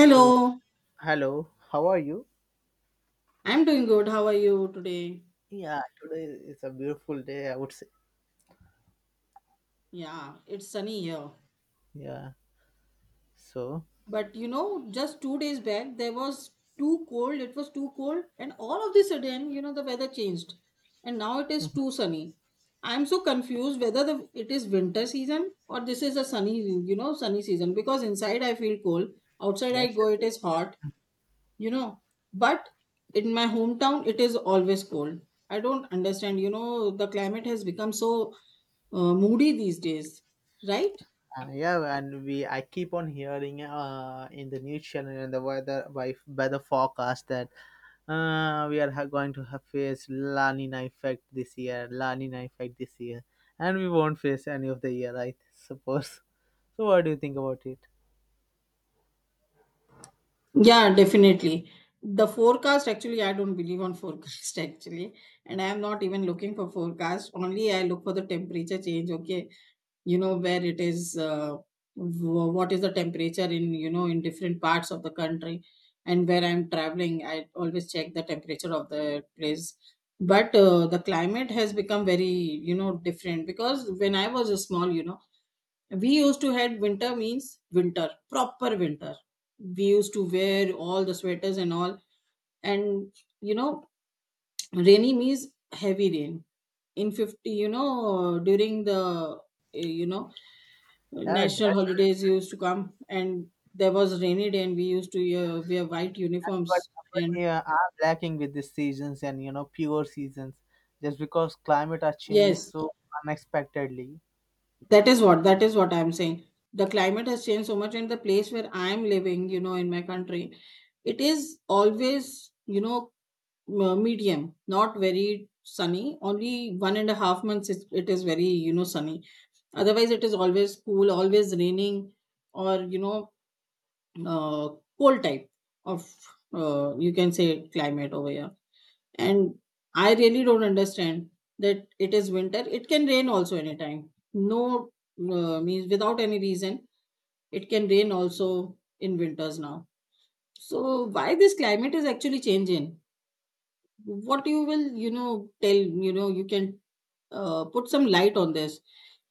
So, hello, how are you? I'm doing good. How are you today? Yeah, today is a beautiful day, I would say. Yeah, it's sunny here. Yeah, so But you know, just 2 days back, there was too cold. It was too cold. And all of the sudden, you know, the weather changed. And now it is mhm, too sunny. I'm so confused whether it is winter season, or this is a sunny, sunny season. Because inside I feel cold, outside I that's go, the it thing. is hot. you know but in my hometown it is always cold. I don't understand, the climate has become so moody these days, right. Yeah, and we I keep on hearing in the news channel and the weather forecast that we are going to have face La Nina effect this year, La Nina effect this year, and we won't face any of the year, I suppose. So, what do you think about it? Yeah, definitely. The forecast, actually I don't believe on forecast actually. And I am not even looking for forecast, only I look for the temperature change, okay. You know where it is, what is the temperature in, in different parts of the country. And where I'm traveling, I always check the temperature of the place. But the climate has become very, different, because when I was small, we used to had winter means winter, proper winter. We used to wear all the sweaters and all. And, you know rainy means heavy rain in 50, during the you know Yeah, national that's holidays used to come, and there was rainy day, and we used to wear white but uniforms, but and yeah, I'm lacking with these seasons and you know pure seasons, just because climate are changing yes, so unexpectedly. that is what I'm saying. The climate has changed so much, and the place where I'm living, in my country it is always, medium, not very sunny. Only 1.5 months it is very, sunny. Otherwise it is always cool, always raining, or uh, cold type of, you can say, climate over here. And I really don't understand that it is winter, it can rain also anytime, no, means without any reason it can rain also in winters now. So why this climate is actually changing? What you will, tell, you can put some light on this.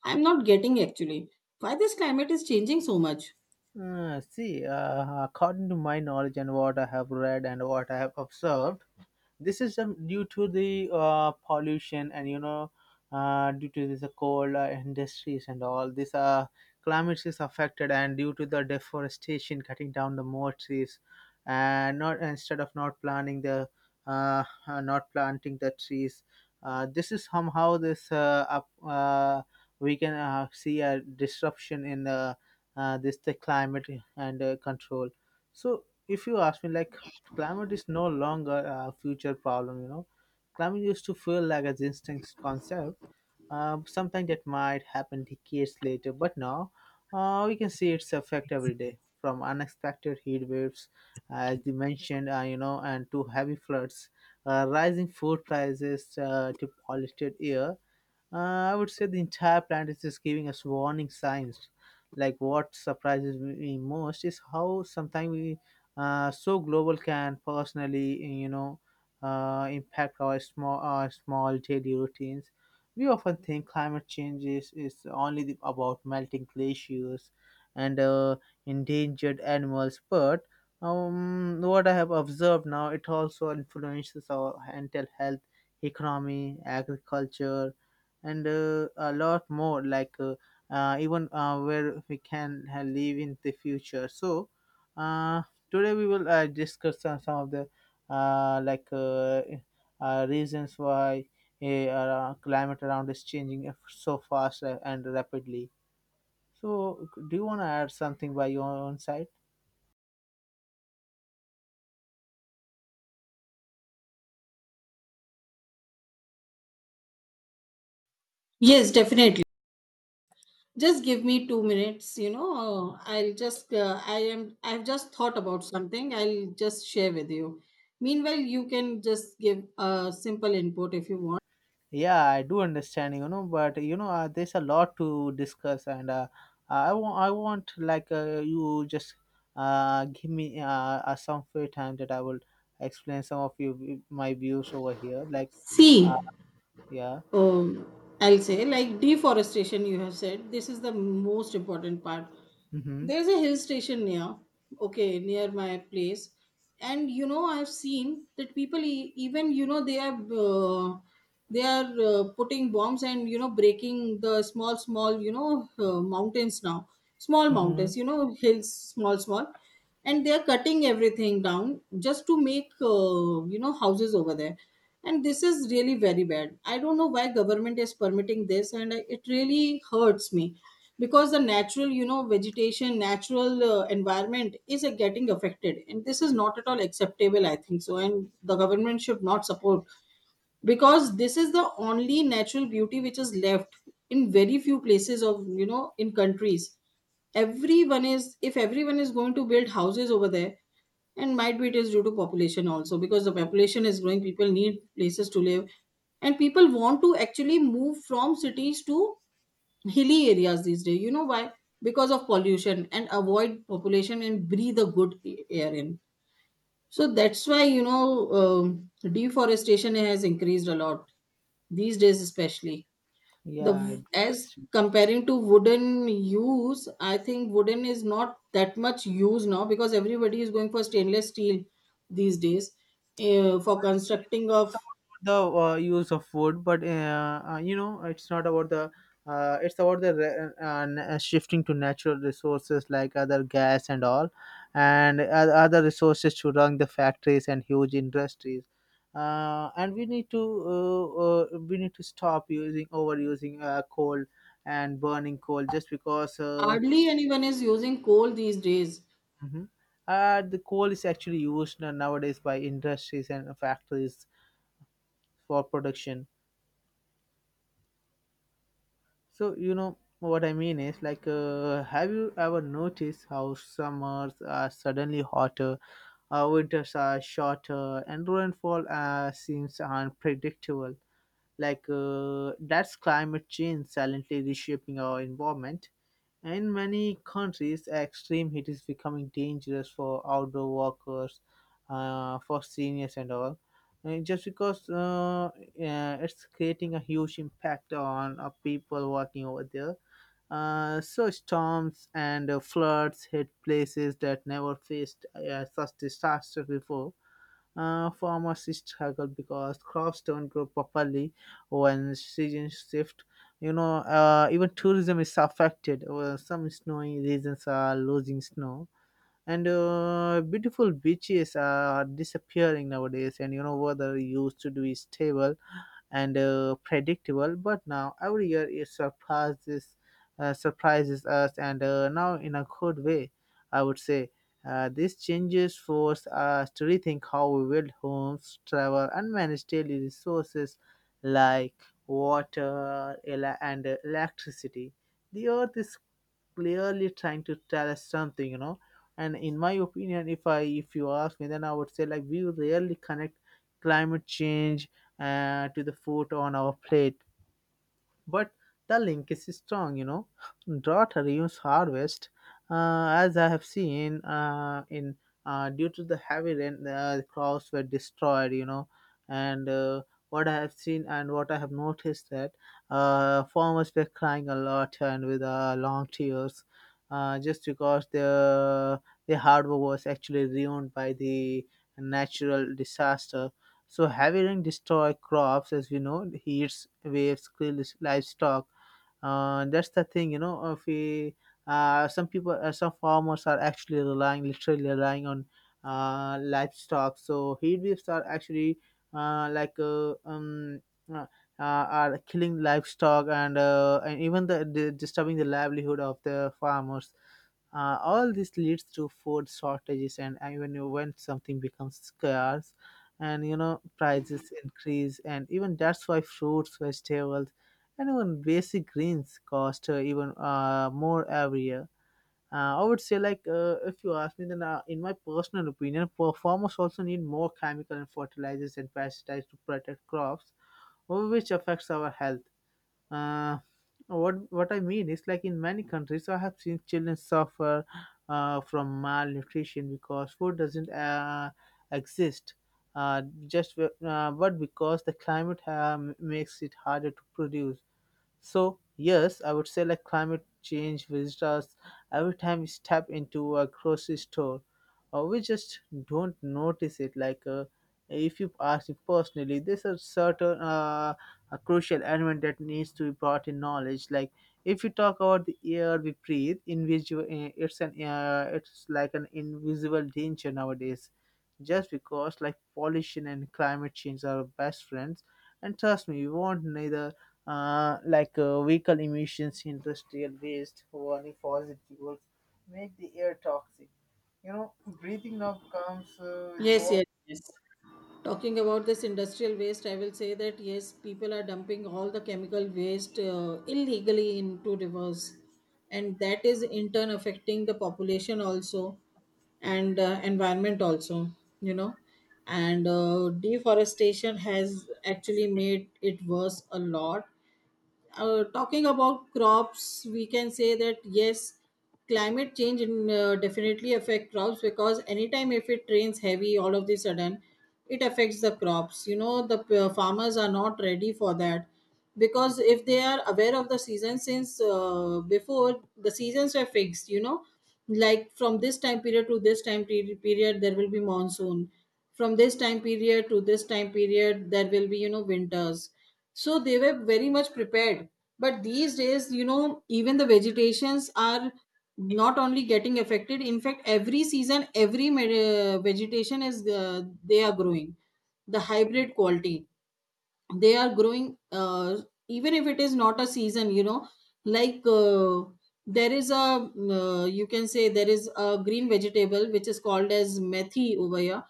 I'm not getting actually why this climate is changing so much. See, according to my knowledge and what I have read and what I have observed, this is due to the pollution and you know due to this coal industries and all this climate is affected and due to the deforestation, cutting down the more trees and not instead of not planting the not planting the trees. This is somehow this we can see a disruption in this the climate and control. So if you ask me, like, climate is no longer a future problem, you know. Climate used to feel like a distinct concept, something that might happen decades later, but now we can see its effect every day from unexpected heat waves, as you mentioned, you know, and to heavy floods, rising food prices to polluted air. I would say the entire planet is giving us warning signs. Like, what surprises me most is how sometimes we so global can personally, you know, impact our small daily routines. We often think climate change is only about melting glaciers and endangered animals, but what I have observed now, it also influences our mental health, economy, agriculture, and a lot more, like even where we can live in the future. So uh, today we will discuss some of the uh, like uh, reasons why climate around is changing so fast and rapidly. So do you want to add something by your own side? Yes, definitely. Just give me 2 minutes, I'll just I've just thought about something, I'll just share with you. Meanwhile you can just give a simple input if you want. Yeah, I do understand, you know, but you know, there's a lot to discuss, and I want, like, you just give me some free time that I will explain some of you my views over here. Like, See, uh, yeah, um, I'll say, like deforestation, you have said, this is the most important part. mm-hmm, There's a hill station near, okay, near my place. And you know, I've seen that people, even they are putting bombs, and you know, breaking the small, small, mountains now, small mm-hmm, mountains, you know, hills, small, small. And they are cutting everything down, just to make houses over there. And this is really very bad. I don't know why government is permitting this, and it really hurts me, because the natural, vegetation, natural environment is getting affected, and this is not at all acceptable, I think so. And the government should not support, because this is the only natural beauty which is left, in very few places of, in countries. Everyone is if everyone is going to build houses over there, and might be it is due to population also, because the population is growing, people need places to live. And people want to actually move from cities to hilly areas these days. You know why? Because of pollution, and avoid population, and breathe a good air in. So that's why, deforestation has increased a lot these days especially. The yeah, I do as understand. comparing to wooden use, I think wooden is not that much used now, because everybody is going for stainless steel these days, for See, constructing it's of. about the use of wood, but you know, it's not about the. It's about the shifting to natural resources like other gas and all, and other resources to run the factories and huge industries. And we need to stop using overusing coal and burning coal just because. Hardly anyone is using coal these days. Mhm. The coal is actually used nowadays by industries and factories for production. So you know what I mean is, like, have you ever noticed how summers are suddenly hotter, winters are shorter, and rainfall seems unpredictable? Like, that's climate change silently reshaping our environment. In many countries, extreme heat is becoming dangerous for outdoor workers, for seniors and all. Just because it's creating a huge impact on people working over there. So storms and floods hit places that never faced such disaster before. Farmers struggle because crops don't grow properly when seasons shift. You know, even tourism is affected. Some snowy regions are losing snow, and beautiful beaches are disappearing nowadays. And you know, weather used to be stable and predictable. But now every year it surprises us, and now in a good way, I would say. These changes force us to rethink how we build homes, travel, and manage daily resources like water and electricity. The earth is clearly trying to tell us something, you know. And in my opinion, if you ask me, then I would say, like, we rarely connect climate change to the food on our plate, but the link is strong, you know. Drought reduce harvest. As I have seen in due to the heavy rain the crops were destroyed, you know. And what I have seen and what I have noticed, that farmers were crying a lot and with long tears, just because their hard work was actually ruined by the natural disaster. So heavy rain destroy crops, as we know, heats, waves, kill livestock. That's the thing, you know. If we, Some people, some farmers are actually relying, literally relying on livestock. So heat waves are actually uh, like uh, um, uh, are killing livestock and even the disturbing the livelihood of the farmers. All this leads to food shortages, and when something becomes scarce, and you know prices increase, and even that's why fruits, vegetables, and even basic greens cost even more every year. I would say, like, if you ask me, then in my personal opinion, farmers also need more chemical and fertilizers and pesticides to protect crops, which affects our health. uh, what I mean is, like, in many countries I have seen children suffer from malnutrition because food doesn't exist, but because the climate makes it harder to produce. So yes, I would say, like, climate change visits us every time we step into a grocery store, or we just don't notice it. Like, if you ask me personally, there's a certain a crucial element that needs to be brought in knowledge. Like, if you talk about the air we breathe, invisible, it's like an invisible danger nowadays. Just because, like, pollution and climate change are best friends, and trust me, we won't neither vehicle emissions, industrial waste, burning fossil fuels, make the air toxic. You know, breathing now comes with Yes, yes, yes. Talking about this industrial waste, I will say that yes, people are dumping all the chemical waste illegally into rivers, and that is in turn affecting the population also, and environment also, you know. And deforestation has actually made it worse a lot. Talking about crops, we can say that yes, climate change definitely affect crops, because anytime if it rains heavy all of the sudden, it affects the crops. You know the farmers are not ready for that, because if they are aware of the season, since before, the seasons were fixed. You know, like from this time period to this time period there will be monsoon. From this time period to this time period there will be, winters. So they were very much prepared, but these days, even the vegetations are not only getting affected, in fact every season every vegetation is, they are growing the hybrid quality. They are growing, even if it is not a season, like, there is a, you can say there is a green vegetable which is called as methi over here.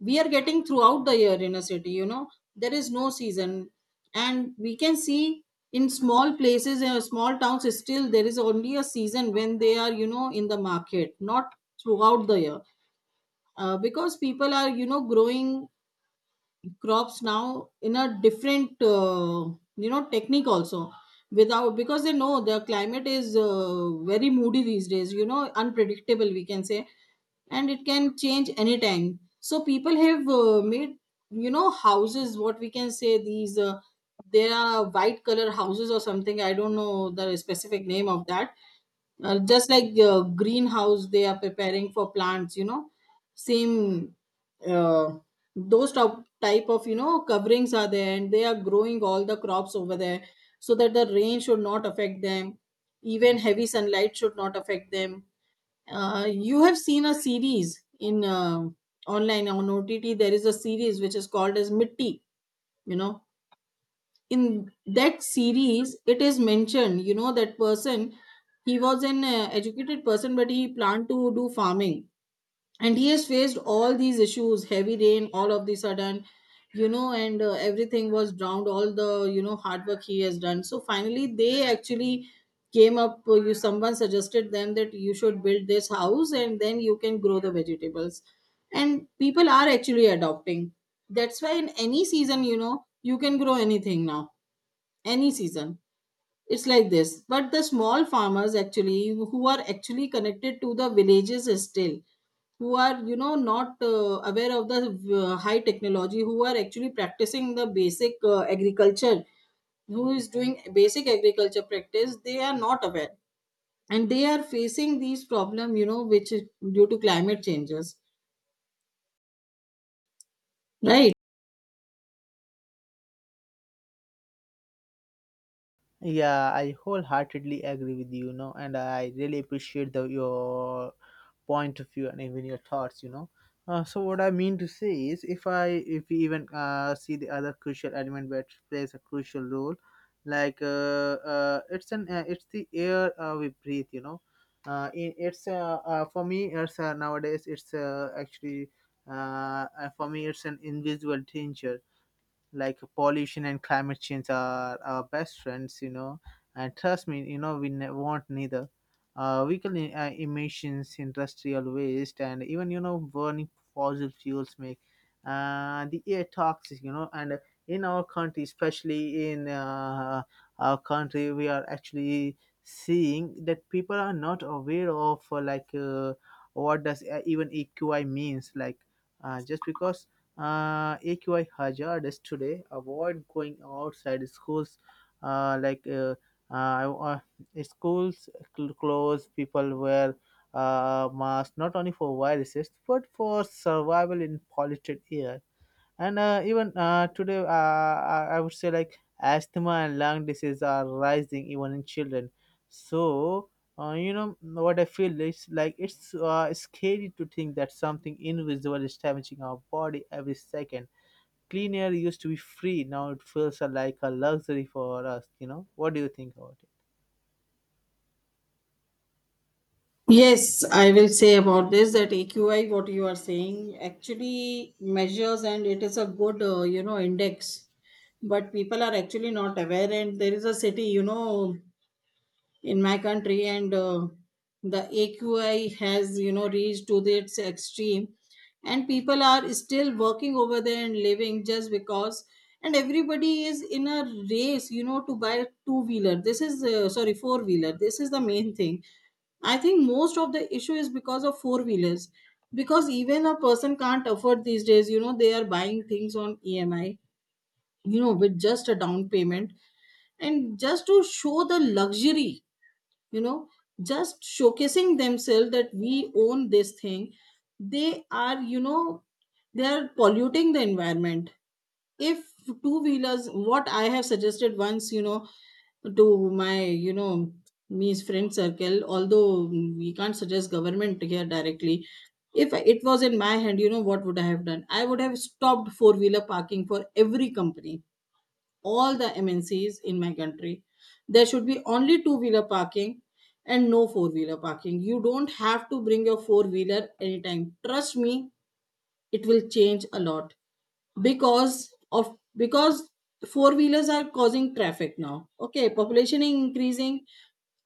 We are getting throughout the year in a city. There is no season, and we can see in small places, in small towns, still there is only a season when they are, in the market, not throughout the year. Because people are, growing crops now in a different technique also. Without, because they know the climate is very moody these days, unpredictable, we can say. And it can change anytime, so people have made, houses, what we can say, these there are white color houses or something, I don't know the specific name of that. Just like, greenhouse they are preparing for plants, same. uh, those type of, coverings are there, and they are growing all the crops over there, so that the rain should not affect them, even heavy sunlight should not affect them. You have seen a series in, online on OTT. There is a series which is called as Mitti, you know. In that series it is mentioned, that person, he was an educated person, but he planned to do farming, and he has faced all these issues, heavy rain all of the sudden, and everything was drowned, all the, hard work he has done. So finally they actually came up, you someone suggested them that you should build this house and then you can grow the vegetables. And people are actually adopting. That's why in any season, you can grow anything now, any season. It's like this, but the small farmers actually, who are actually connected to the villages still, who are, not aware of the high technology, who are actually practicing the basic agriculture, who is doing basic agriculture practice, they are not aware, and they are facing these problem, which is due to climate changes, right. Yeah, I wholeheartedly agree with you, you know, and I really appreciate the your point of view and even your thoughts, you know. So what I mean to say is, if we even see the other crucial element which plays a crucial role, like, it's the air we breathe, you know. In, it's For me it's nowadays it's actually for me it's an invisible danger, like pollution and climate change are our best friends, you know. And trust me, you know, we want neither vehicle emissions, industrial waste, and even you know burning fossil fuels make the air toxic, you know. And in our country, especially in our country, we are actually seeing that people are not aware of what does even eqi means, like, just because equi, hazardous today. Avoid going outside schools. Uh, like uh, uh, uh, Schools close, people wear masks not only for viruses but for survival in polluted air. And even today I would say, like, asthma and lung disease are rising even in children. So you know, what I feel is, like, it's scary to think that something invisible is damaging our body every second. Clean air used to be free; now it feels like a luxury for us. You know, what do you think about it? Yes, I will say about this that AQI, what you are saying, actually measures, and it is a good, index. But people are actually not aware, and there is a city, in my country, and the AQI has, reached to its extreme, and people are still working over there and living, just because. And everybody is in a race, to buy a two wheeler. This is, sorry, four wheeler, this is the main thing. I think most of the issue is because of four wheelers. Because even a person can't afford these days, they are buying things on EMI, with just a down payment, and just to show the luxury, you know, just showcasing themselves that we own this thing, they are you know they are polluting the environment. If two wheelers, what I have suggested once, to my, me's friend circle, although we can't suggest government here directly. If it was in my hand, what would I have done, I would have stopped four wheeler parking for every company, all the MNCs in my country. There should be only two wheeler parking, and no four wheeler parking. You don't have to bring your four wheeler anytime. Trust me, it will change a lot because four wheelers are causing traffic now. Okay, population is increasing.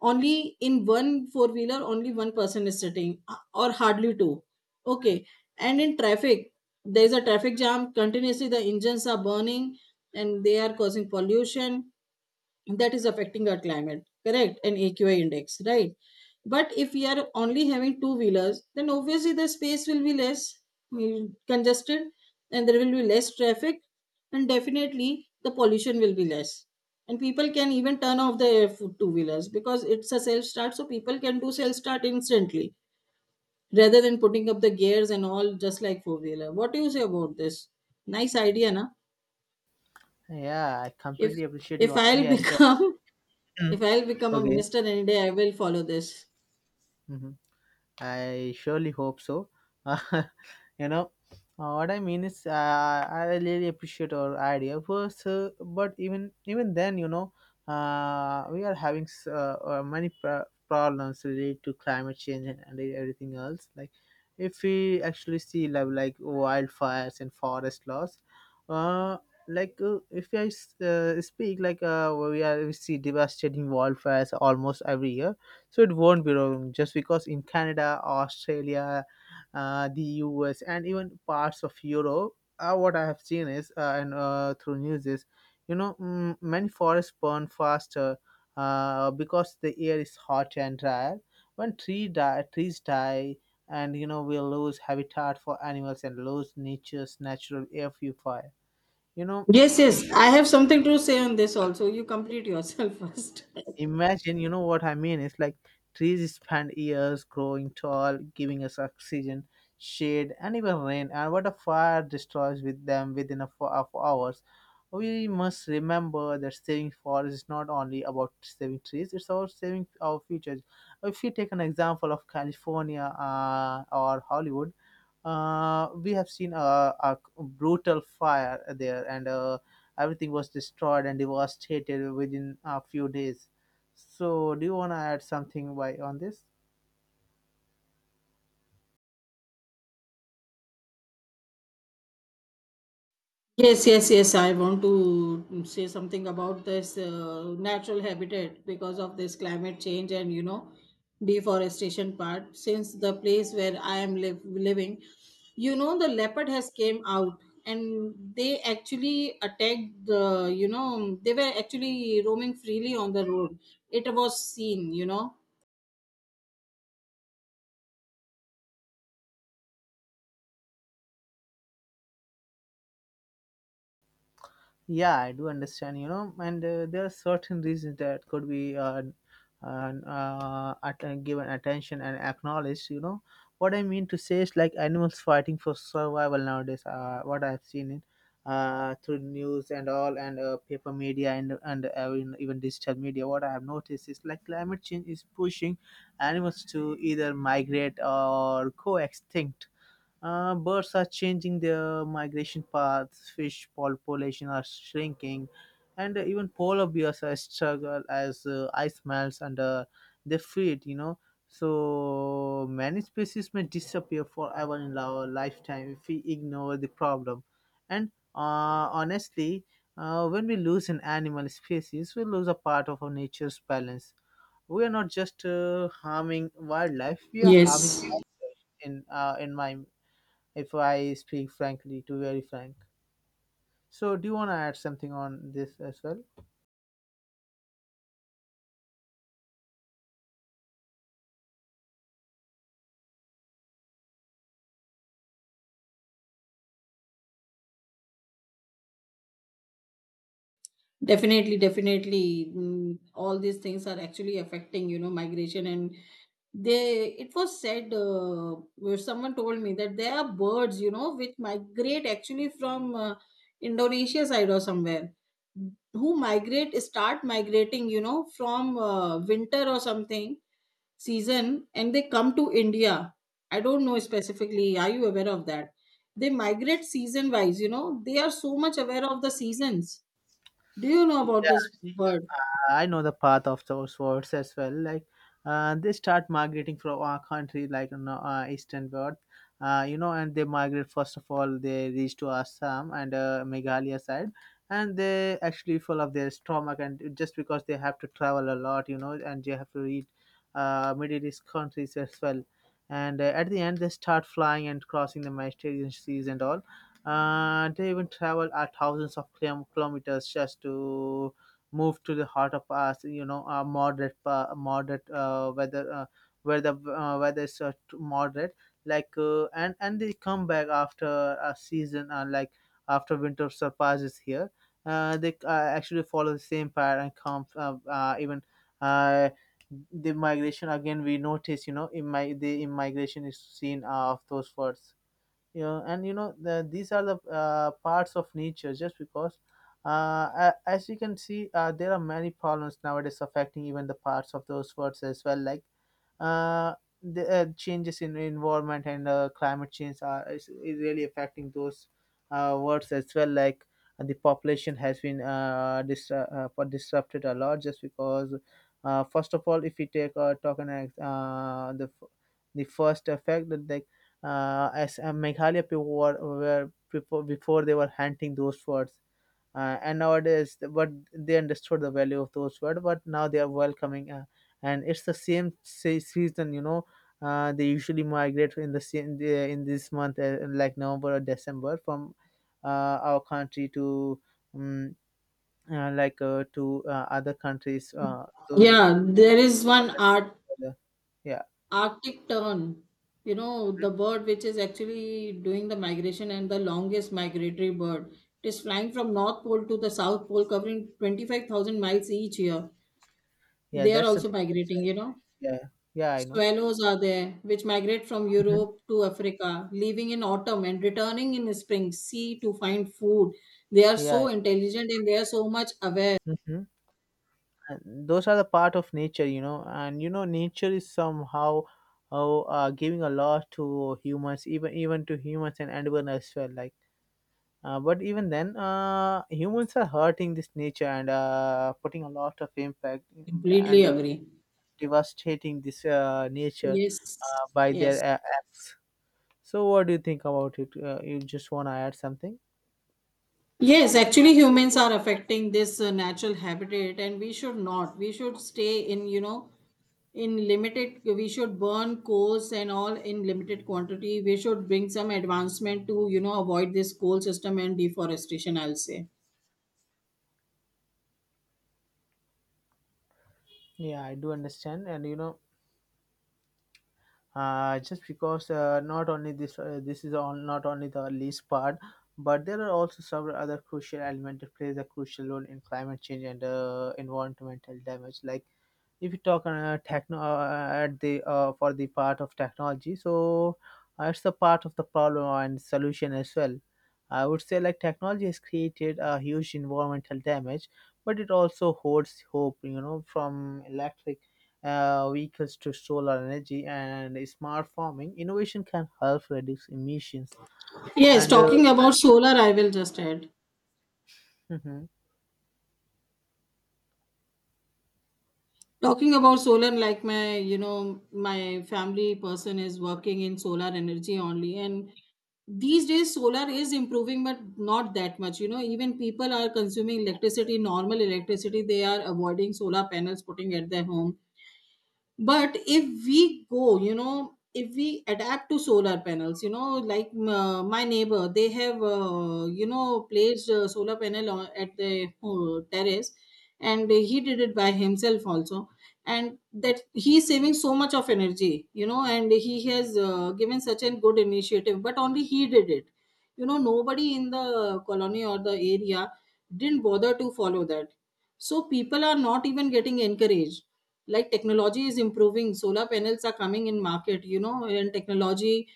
Only in one four wheeler only one person is sitting, or hardly two. Okay. And in traffic there is a traffic jam continuously, the engines are burning and they are causing pollution. That is affecting our climate, correct? And AQI index, right? But if we are only having two wheelers, then obviously the space will be less congested, and there will be less traffic, and definitely the pollution will be less. And people can even turn off their two wheelers because it's a self start, so people can do self start instantly rather than putting up the gears and all, just like four wheeler. What do you say about this? Nice idea na. Yeah, I if completely appreciate if your i'll idea as well. become If I'll become a Okay. minister any day, I will follow this. Mhm. I surely hope so. You know, what I mean is, I really appreciate our idea first, but even then, you know, we are having many problems related to climate change and everything else. Like, if we actually see, like wildfires and forest loss, uh, if I speak, like, we see devastating wildfires almost every year, so it won't be wrong, just because in Canada, Australia, the US, and even parts of Europe, what I have seen is and through news is, you know, mm, many forests burn faster because the air is hot and dry. Trees die, and you know, we lose habitat for animals and lose nature's natural air purifier. You know, Yes, yes, I have something to say on this also. You complete yourself first. imagine, you know what I mean? It's like trees spend years growing tall, giving us oxygen, shade, and even rain. And what a fire destroys with them within a four of hours. We must remember that saving forests is not only about saving trees; it's about saving our future. If you take an example of California or Hollywood, we have seen a brutal fire there, and everything was destroyed and devastated within a few days. So, do you want to add something why on this? Yes, yes, yes. I want to say something about this natural habitat because of this climate change and, you know, deforestation part. Since the place where I am living, you know, the leopard has came out and they actually attacked the, you know, they were actually roaming freely on the road. It was seen, you know. Yeah, I do understand and there are certain reasons that could be given attention and acknowledged. What I mean to say is like animals fighting for survival nowadays, what I've seen in through news and all, and paper media and even digital media, what I have noticed is like climate change is pushing animals to either migrate or go extinct. Birds are changing their migration paths, fish population are shrinking, and even polar bears are struggle as ice melts under their feet. So many species may disappear forever in our lifetime if we ignore the problem. And honestly, when we lose an animal species, we lose a part of our nature's balance. We are not just harming wildlife; we are harming Yes, in environment if I speak frankly, to very frank. So, do you want to add something on this as well? definitely, definitely. Mm, all these things are actually affecting, you know, migration. And they, it was said, where someone told me that there are birds, you know, which migrate actually from Indonesia side or somewhere, who migrate, start migrating, you know, from winter or something season, and they come to India. I don't know specifically. Are you aware of that? They migrate season wise, you know, they are so much aware of the seasons. Do you know about this bird? I know the path of those words as well. Like they start migrating from our country, like, easternward. And they migrate first of all. They reach to Assam and Meghalaya side, and they actually full of their stomach, and just because they have to travel a lot, and they have to read Middle East countries as well. And at the end, they start flying and crossing the Mediterranean seas and all. They even travel at thousands of kilometers just to move to the heart of us, moderate, moderate weather, where the weather is moderate, like, and they come back after a season, like after winter surpasses here. They actually follow the same pattern and come even uh, the migration again we notice in my the immigration is seen of those words. Yeah. And these are the parts of nature just because uh, as you can see there are many problems nowadays affecting even the parts of those words as well like uh, the changes in environment and climate change is really affecting those words as well like the population has been disrupted a lot just because first of all if we take talk an the first effect that like as Meghalaya people were before they were hunting those words and nowadays but they understood the value of those words but now they are welcoming and it's the same season they usually migrate in the same in this month like November or December from our country to um, other countries. Those Yeah, there is one art, uh, yeah. Arctic tern. You know, the bird which is actually doing the migration and the longest migratory bird. It is flying from North Pole to the South Pole, covering 25,000 miles each year. Yeah, They are that's the also thing. migrating, you know. Yeah. Yeah, I know. Swallows are there, which migrate from Mhm. Europe to Africa, leaving in autumn and returning in spring, sea to find food. They are so Yeah. intelligent and they are so much aware. Mhm. And those are the part of nature, and nature is somehow giving a lot to humans, even to humans and animals as well, like but even then humans are hurting this nature and putting a lot of impact Completely and agree. devastating this nature Yes. By their Yes. Acts. So what do you think about it? You just want to add something? Yes, actually, humans are affecting this natural habitat, and we should not. We should stay in, you know, in limited, we should burn coals and all in limited quantity. We should bring some advancement to, you know, avoid this coal system and deforestation, I'll say. Yeah, I do understand. And just because not only this is on not only the least part, but there are also several other crucial elements that plays a crucial role in climate change and environmental damage. Like if you talk techno at the for the part of technology, so it's a part of the problem and solution as well. I would say like technology has created a huge environmental damage, but it also holds hope from electric vehicles to solar energy, and smart farming innovation can help reduce emissions. Yes, And talking about solar, I will just add. mhm. Talking about solar, like my, you know, my family person is working in solar energy only. And these days, solar is improving, but not that much. You know, even people are consuming electricity, normal electricity, they are avoiding solar panels putting at their home. But if we go, you know, if we adapt to solar panels, you know, like my neighbor, they have you know, placed a solar panel on, at the terrace, and he did it by himself also. And that, he's saving so much of energy, you know, and he has given such a good initiative, but only he did it. You know, nobody in the colony or the area didn't bother to follow that. So people are not even getting encouraged. Like technology is improving, solar panels are coming in market, you know, and technology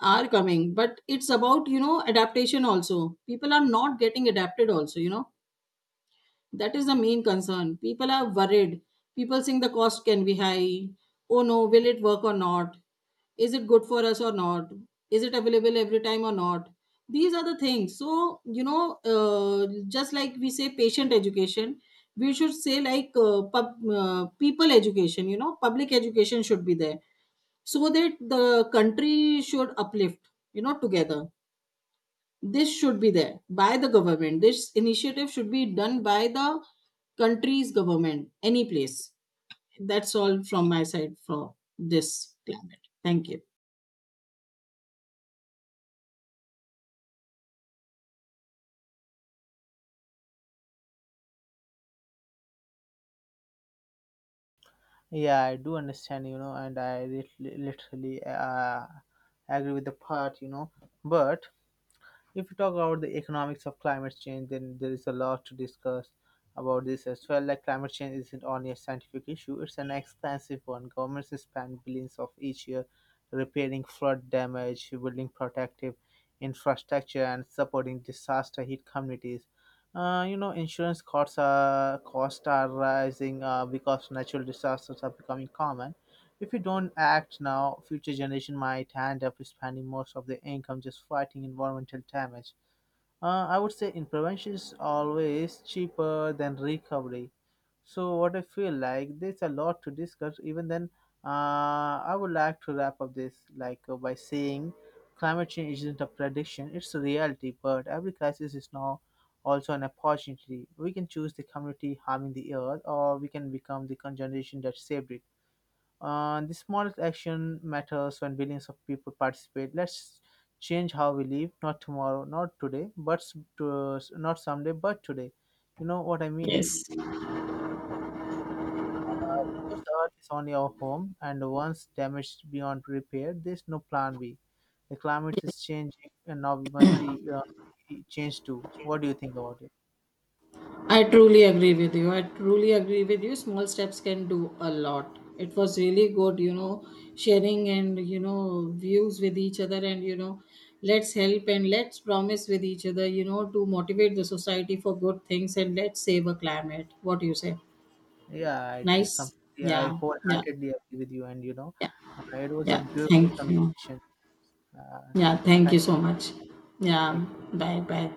are coming, but it's about, you know, adaptation also, people are not getting adapted also, you know. That is the main concern. People are worried. People think the cost can be high. Oh no, will it work or not? Is it good for us or not? Is it available every time or not? These are the things. So, you know, just like we say patient education, we should say like people education, you know, public education should be there, so that the country should uplift, you know, together. This should be there by the government. This initiative should be done by the country's government any place. That's all from my side for this planet. Thank you. Yeah, I do understand and I literally agree with the part, but if we talk about the economics of climate change, then there is a lot to discuss about this as well. Like climate change isn't only a scientific issue, it's an expensive one. Governments spend billions of each year repairing flood damage, building protective infrastructure, and supporting disaster hit communities. Insurance costs are rising because natural disasters are becoming common. If we don't act now, future generation might end up spending most of their income just fighting environmental damage. I would say in prevention is always cheaper than recovery. So what I feel like there's a lot to discuss. Even then, I would like to wrap up this like by saying, climate change isn't a prediction; it's a reality. But every crisis is now also an opportunity. We can choose the community harming the earth, or we can become the generation that saved it. The smallest action matters when billions of people participate. Let's change how we live, not tomorrow, not today, but not someday, but today. You know what I mean is, Yes. because the earth is only our home, and once damaged beyond repair, there's no plan B. The climate is changing, and now we must change too. What do you think about it? I truly agree with you. I truly agree with you. Small steps can do a lot. It was really good, you know, sharing and, you know, views with each other and, you know, let's help and let's promise with each other, you know, to motivate the society for good things and let's save a climate. What do you say? Yeah, I Nice. completely, I Yeah. Yeah. wholeheartedly agree with you, Yeah. It was a Yeah. beautiful Thank you. conversation. Uh, Yeah. Thank you Thank you. so much. Yeah. Take care. Bye. Bye.